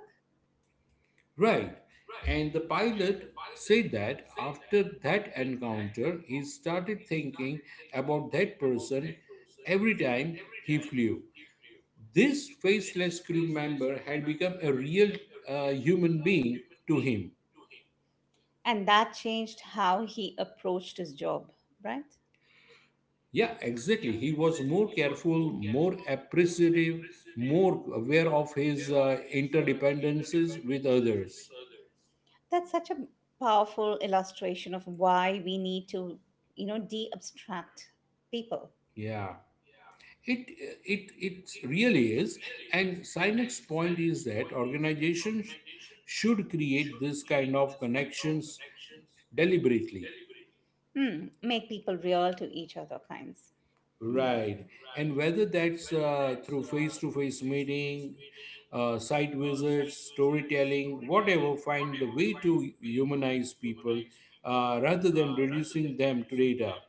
Speaker 2: Right. And the pilot said that after that encounter, he started thinking about that person every time he flew. This faceless crew member had become a real human being to him.
Speaker 1: and that changed how he approached his job, right?
Speaker 2: Yeah, exactly. He was more careful, more appreciative, more aware of his interdependencies with others.
Speaker 1: That's such a powerful illustration of why we need to, you know, de-abstract people.
Speaker 2: Yeah. It, it really is. And Sinek's point is that organizations should create this kind of connections deliberately.
Speaker 1: Hmm, make people real to each other kinds.
Speaker 2: Right. And whether that's through face to face meeting, site visits, storytelling, whatever, find the way to humanize people rather than reducing them to data.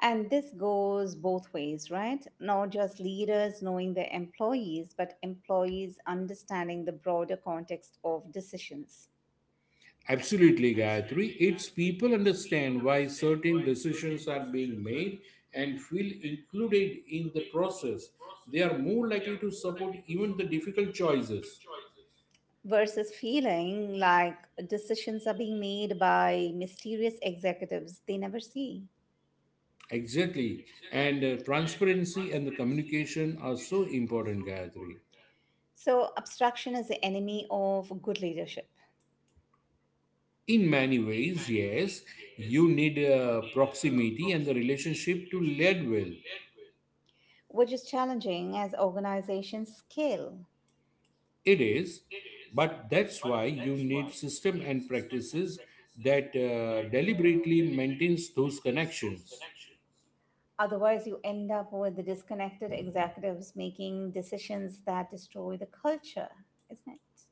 Speaker 1: And this goes both ways, right? Not just leaders knowing their employees, but employees understanding the broader context of decisions
Speaker 2: Absolutely, Gayatri. It's people understand why certain decisions are being made and feel included in the process. They are more likely to support even the difficult choices.
Speaker 1: versus feeling like decisions are being made by mysterious executives they never see.
Speaker 2: Exactly. And transparency and the communication are so important, Gayatri.
Speaker 1: So, abstraction is the enemy of good leadership,
Speaker 2: In many ways, yes, you need proximity and the relationship to lead well.
Speaker 1: which is challenging as organizations scale.
Speaker 2: It is, but that's why you need system and practices that deliberately maintains those connections.
Speaker 1: Otherwise, you end up with the disconnected executives making decisions that destroy the culture, isn't it?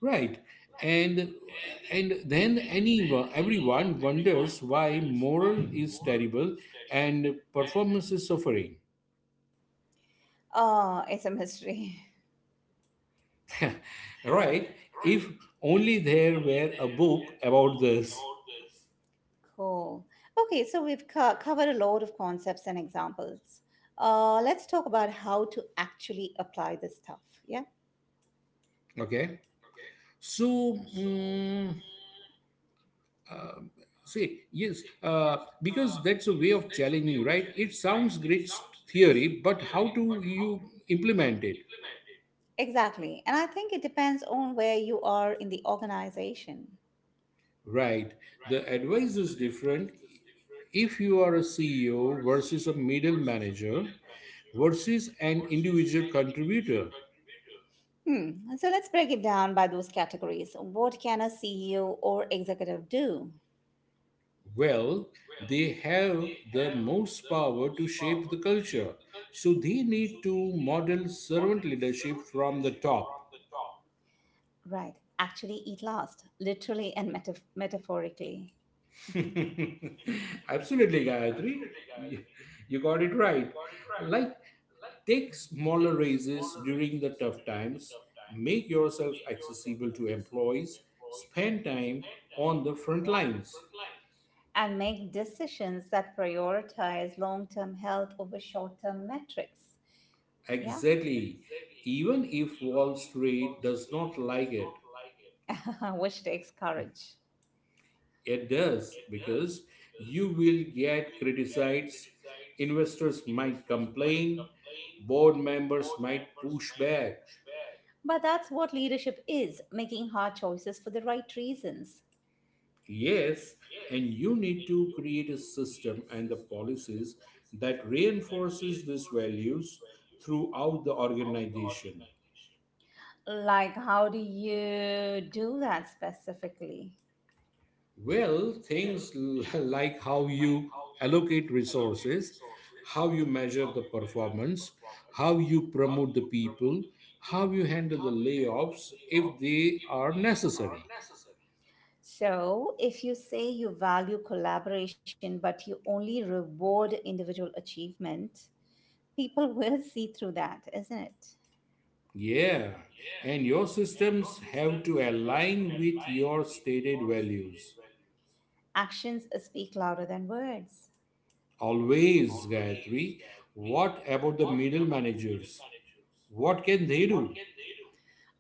Speaker 2: Right. And and then anyone, everyone wonders why moral is terrible and performance is suffering.
Speaker 1: Oh, it's a mystery. *laughs*
Speaker 2: *laughs* Right? If only there were a book about this.
Speaker 1: Cool. Okay, so we've covered a lot of concepts and examples. Let's talk about how to actually apply this stuff. Yeah,
Speaker 2: Okay. So, mm, see, yes, because that's a way of challenging, right? It sounds great theory, but how do you implement it?
Speaker 1: exactly. And I think it depends on where you are in the organization.
Speaker 2: Right. The advice is different if you are a CEO versus a middle manager versus an individual contributor.
Speaker 1: Hmm. So let's break it down by those categories. What can a CEO or executive do?
Speaker 2: Well, they have the most power to shape the culture, so they need to model servant leadership from the top.
Speaker 1: Right. Actually, eat last, literally and metaphorically.
Speaker 2: *laughs* Absolutely, Gayatri. You got it right. Like, take smaller raises during the tough times, make yourself accessible to employees, spend time on the front lines.
Speaker 1: And make decisions that prioritize long term health over short term metrics. Yeah,
Speaker 2: Exactly. Even if Wall Street does not like it.
Speaker 1: *laughs* which takes courage.
Speaker 2: It does because you will get criticized, investors might complain, board members might push back.
Speaker 1: But that's what leadership is making hard choices for the right reasons.
Speaker 2: Yes, and you need to create a system and the policies that reinforces these values throughout the organization.
Speaker 1: Like, how do you do that specifically?
Speaker 2: Well, things *laughs* like how you allocate resources, how you measure the performance, how you promote the people, how you handle the layoffs if they are necessary.
Speaker 1: So, if you say you value collaboration but you only reward individual achievement, people *laughs* will see through that, isn't it?
Speaker 2: Yeah, and your systems have to align with your stated values.
Speaker 1: Actions speak louder than words.
Speaker 2: Always, Gayatri, what about the middle managers? What can they do?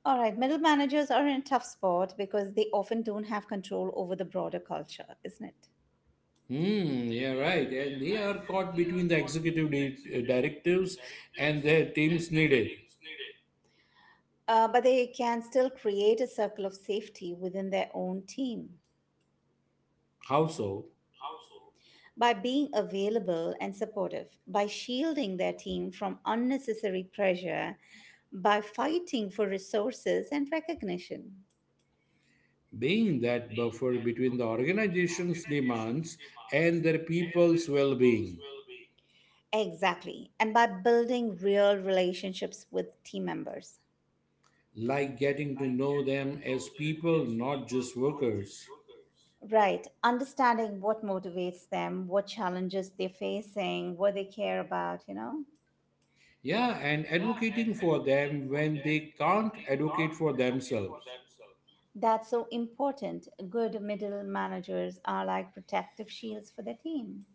Speaker 1: All right, middle managers are in a tough spot because they often don't have control over the broader culture, isn't it?
Speaker 2: Hmm, yeah, right. And they are caught between the executive directives and their teams needed.
Speaker 1: But they can still create a circle of safety within their own team
Speaker 2: How so?
Speaker 1: by being available and supportive, by shielding their team from unnecessary pressure, by fighting for resources and recognition.
Speaker 2: Being that buffer between the organization's demands and their people's well being,
Speaker 1: Exactly, and by building real relationships with team members.
Speaker 2: like getting to know them as people, not just workers.
Speaker 1: Right. Understanding what motivates them, what challenges they're facing, what they care about, you know?
Speaker 2: Yeah, and advocating for them when they can't advocate for themselves.
Speaker 1: That's so important. Good middle managers are like protective shields for the team.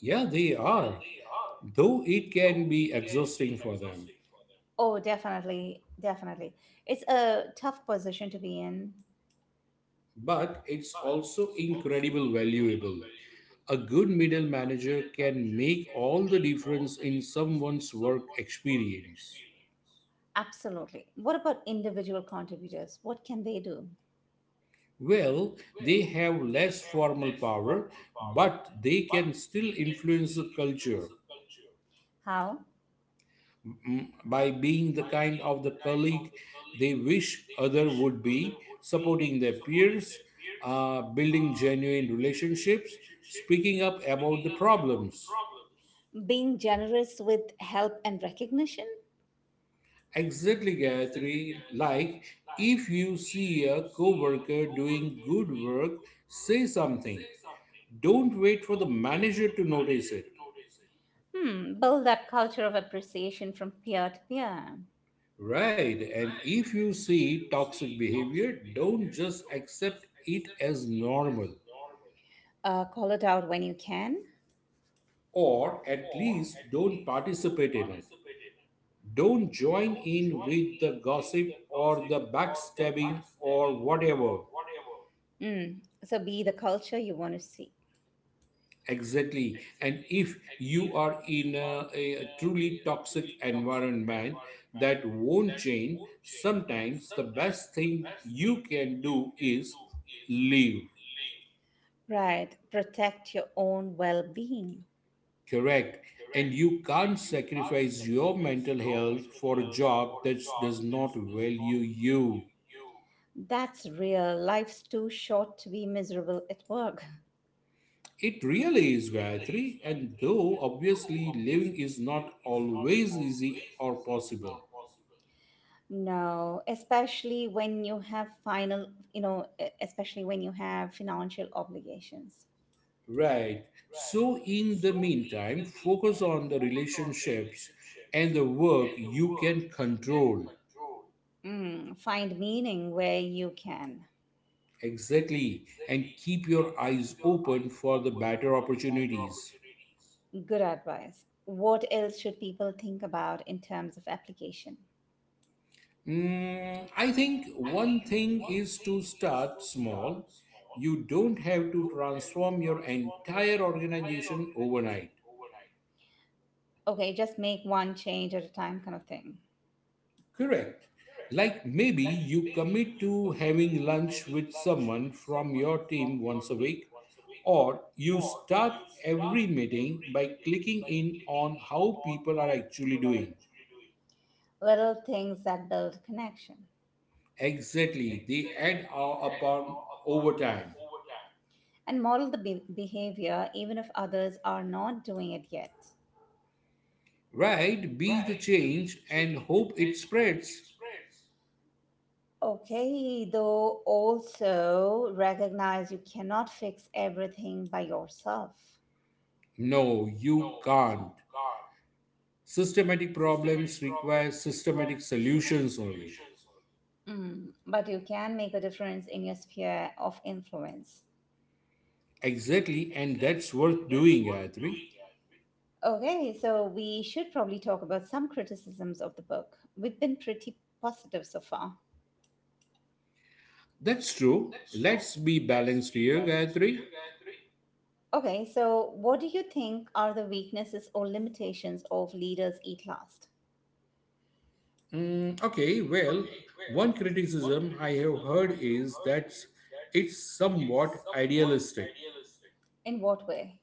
Speaker 2: Yeah, they are, though it can be exhausting for them.
Speaker 1: Oh, definitely. Definitely. It's a tough position to be in.
Speaker 2: But it's also incredible valuable. A good middle manager can make all the difference in someone's work experience.
Speaker 1: Absolutely. What about individual contributors? What can they do?
Speaker 2: Well, they have less formal power, but they can still influence the culture.
Speaker 1: How?
Speaker 2: By being the kind of the colleague they wish other would be, supporting their peers, building genuine relationships, speaking up about the problems.
Speaker 1: Being generous with help and recognition?
Speaker 2: Exactly, Gayatri. Like, if you see a coworker doing good work, say something. Don't wait for the manager to notice it.
Speaker 1: Hmm, build that culture of appreciation from peer to peer.
Speaker 2: Right. And if you see toxic behavior, don't just accept it as normal,
Speaker 1: Call it out when you can.
Speaker 2: or at least don't participate in it. Don't join in with the gossip or the backstabbing or whatever.
Speaker 1: Mm. So be the culture you want to see.
Speaker 2: Exactly. And if you are in a truly toxic environment that won't change, sometimes the best thing you can do is leave.
Speaker 1: Right. Protect your own well being.
Speaker 2: Correct. And you can't sacrifice your mental health for a job that does not value you.
Speaker 1: That's real. Life's too short to be miserable at work.
Speaker 2: It really is, Gayatri. And though obviously living is not always easy or possible,
Speaker 1: No, especially when you have final, you know, especially when you have financial obligations.
Speaker 2: right. So, in the meantime, focus on the relationships and the work you can control.
Speaker 1: Mm. Find meaning where you can.
Speaker 2: Exactly. And keep your eyes open for the better opportunities.
Speaker 1: Good advice. What else should people think about in terms of application?
Speaker 2: I think one thing is to start small. You don't have to transform your entire organization overnight.
Speaker 1: Okay, just make one change at a time, kind of thing.
Speaker 2: Correct. Like maybe you commit to having lunch with someone from your team once a week, or you start every meeting by clicking in on how people are actually doing.
Speaker 1: Little things that build connection.
Speaker 2: Exactly, they upon over time.
Speaker 1: And model the behavior even if others are not doing it yet.
Speaker 2: Right, be the change and hope it spreads.
Speaker 1: Okay, though also recognize you cannot fix everything by yourself.
Speaker 2: No, you can't. Systematic problems require systematic solutions only.
Speaker 1: Mm, but you can make a difference in your sphere of influence.
Speaker 2: Exactly, and that's worth doing, Gayatri.
Speaker 1: Okay, so we should probably talk about some criticisms of the book. We've been pretty positive so far.
Speaker 2: That's true. Let's be balanced here, Gayatri.
Speaker 1: Okay, so what do you think are the weaknesses or limitations of Leaders Eat Last?
Speaker 2: Okay, well, one criticism I have heard is that it's somewhat idealistic.
Speaker 1: In what way?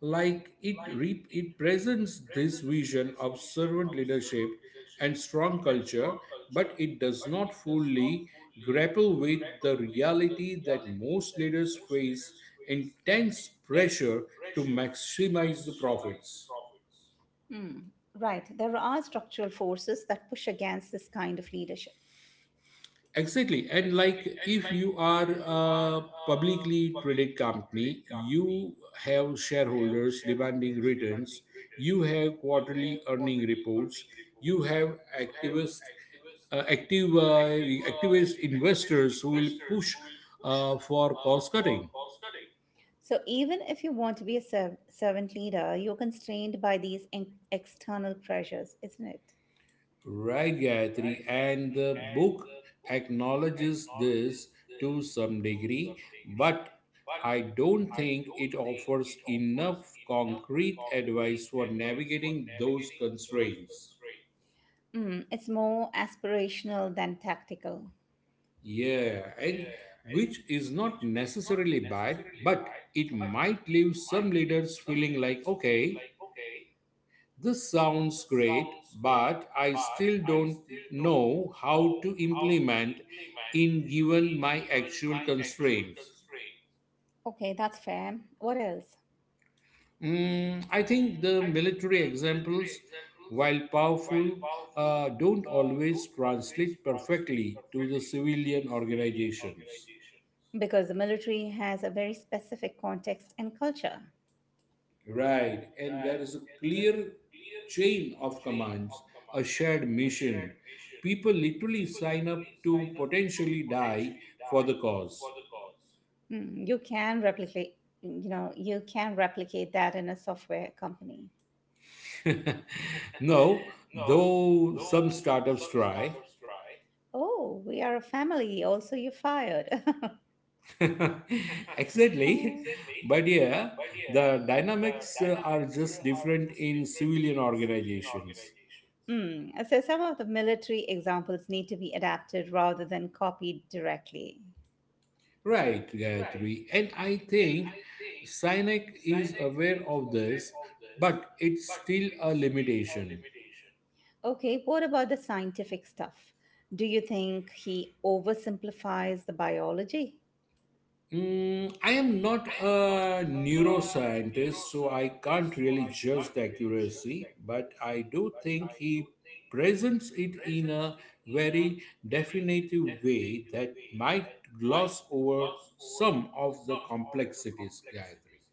Speaker 2: Like it presents this vision of servant leadership and strong culture, but it does not fully grapple with the reality that most leaders face intense pressure to maximize the profits.
Speaker 1: Mm. Right, there are structural forces that push against this kind of leadership.
Speaker 2: Exactly. And like if you are a publicly traded company, you have shareholders demanding returns, you have quarterly earning reports, you have uh, active uh, activist investors who will push for cost cutting.
Speaker 1: So, even if you want to be a servant leader, you're constrained by these external pressures, isn't it?
Speaker 2: Right, Gayatri, and the book acknowledges this to some degree, but I don't think it offers enough concrete advice for navigating those constraints.
Speaker 1: Mm, it's more aspirational than tactical.
Speaker 2: Yeah, and which is not necessarily bad, but it might leave some leaders feeling like, okay, this sounds great, but I still don't know how to implement in given my actual constraints.
Speaker 1: Okay, that's fair. What else?
Speaker 2: I think the military examples, while powerful, don't always translate perfectly to the civilian organizations.
Speaker 1: Because the military has a very specific context and culture.
Speaker 2: Right, and there is a clear chain of commands, a shared mission. People literally sign up to potentially die for the cause.
Speaker 1: Mm, you can replicate, you know, you can replicate that in a software company.
Speaker 2: No, though some startups try.
Speaker 1: Oh, we are a family. Also, you fired. *laughs*
Speaker 2: *laughs*
Speaker 1: Uh,
Speaker 2: Exactly. But yeah, the dynamics are just different in civilian organizations.
Speaker 1: inorganic. Mm, so, some of the military examples need to be adapted rather than copied directly.
Speaker 2: Right, Gayatri. And I think Sinek is aware of this, but it's still a limitation.
Speaker 1: Okay, what about the scientific stuff? Do you think he oversimplifies the biology?
Speaker 2: I am not a neuroscientist, so I can't really judge the accuracy, but I do think he presents it in a very definitive way that might gloss over some of the complexities gathering.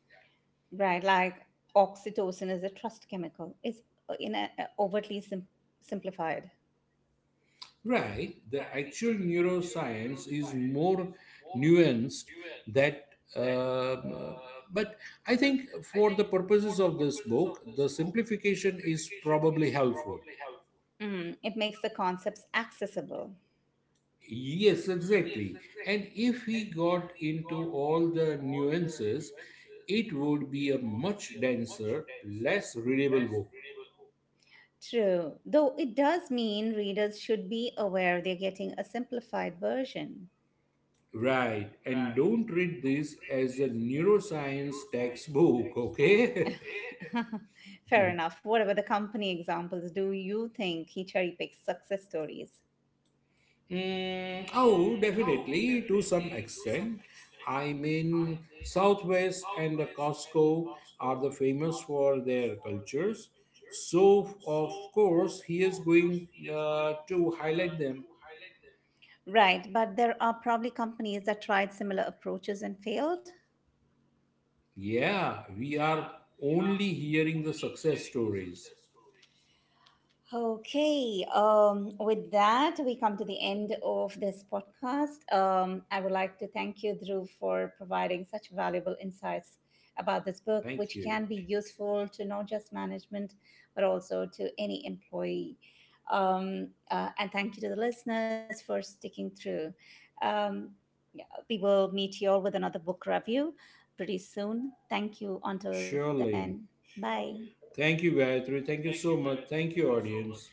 Speaker 1: Right, like oxytocin is a trust chemical. It's a overtly simplified.
Speaker 2: Right, the actual neuroscience is more nuanced that um, but I think for the purposes of this book, the simplification is probably helpful.
Speaker 1: Mm, it makes the concepts accessible.
Speaker 2: Yes, exactly. And if we got into all the nuances, it would be a much denser, less readable book.
Speaker 1: True, though it does mean readers should be aware they're getting a simplified version.
Speaker 2: Right. And don't read this as a neuroscience textbook, okay? *laughs*
Speaker 1: *laughs* Fair enough. What about the company examples? Do you think he cherry picks success stories?
Speaker 2: Oh, definitely to some extent. I mean, Southwest and the Costco are the famous for their cultures. So, of course, he is going to highlight them.
Speaker 1: Right, but there are probably companies that tried similar approaches and failed.
Speaker 2: Yeah, we are only hearing the success stories.
Speaker 1: Okay, with that, we come to the end of this podcast. I would like to thank you, Dhruv, for providing such valuable insights about this book,
Speaker 2: Thank
Speaker 1: which
Speaker 2: you.
Speaker 1: can be useful to not just management, but also to any employee. And thank you to the listeners for sticking through. Um, we will meet you all with another book review pretty soon. Thank you. Until then,
Speaker 2: Surely.
Speaker 1: bye.
Speaker 2: Thank you, Gayatri. Thank you so much. Thank you, audience.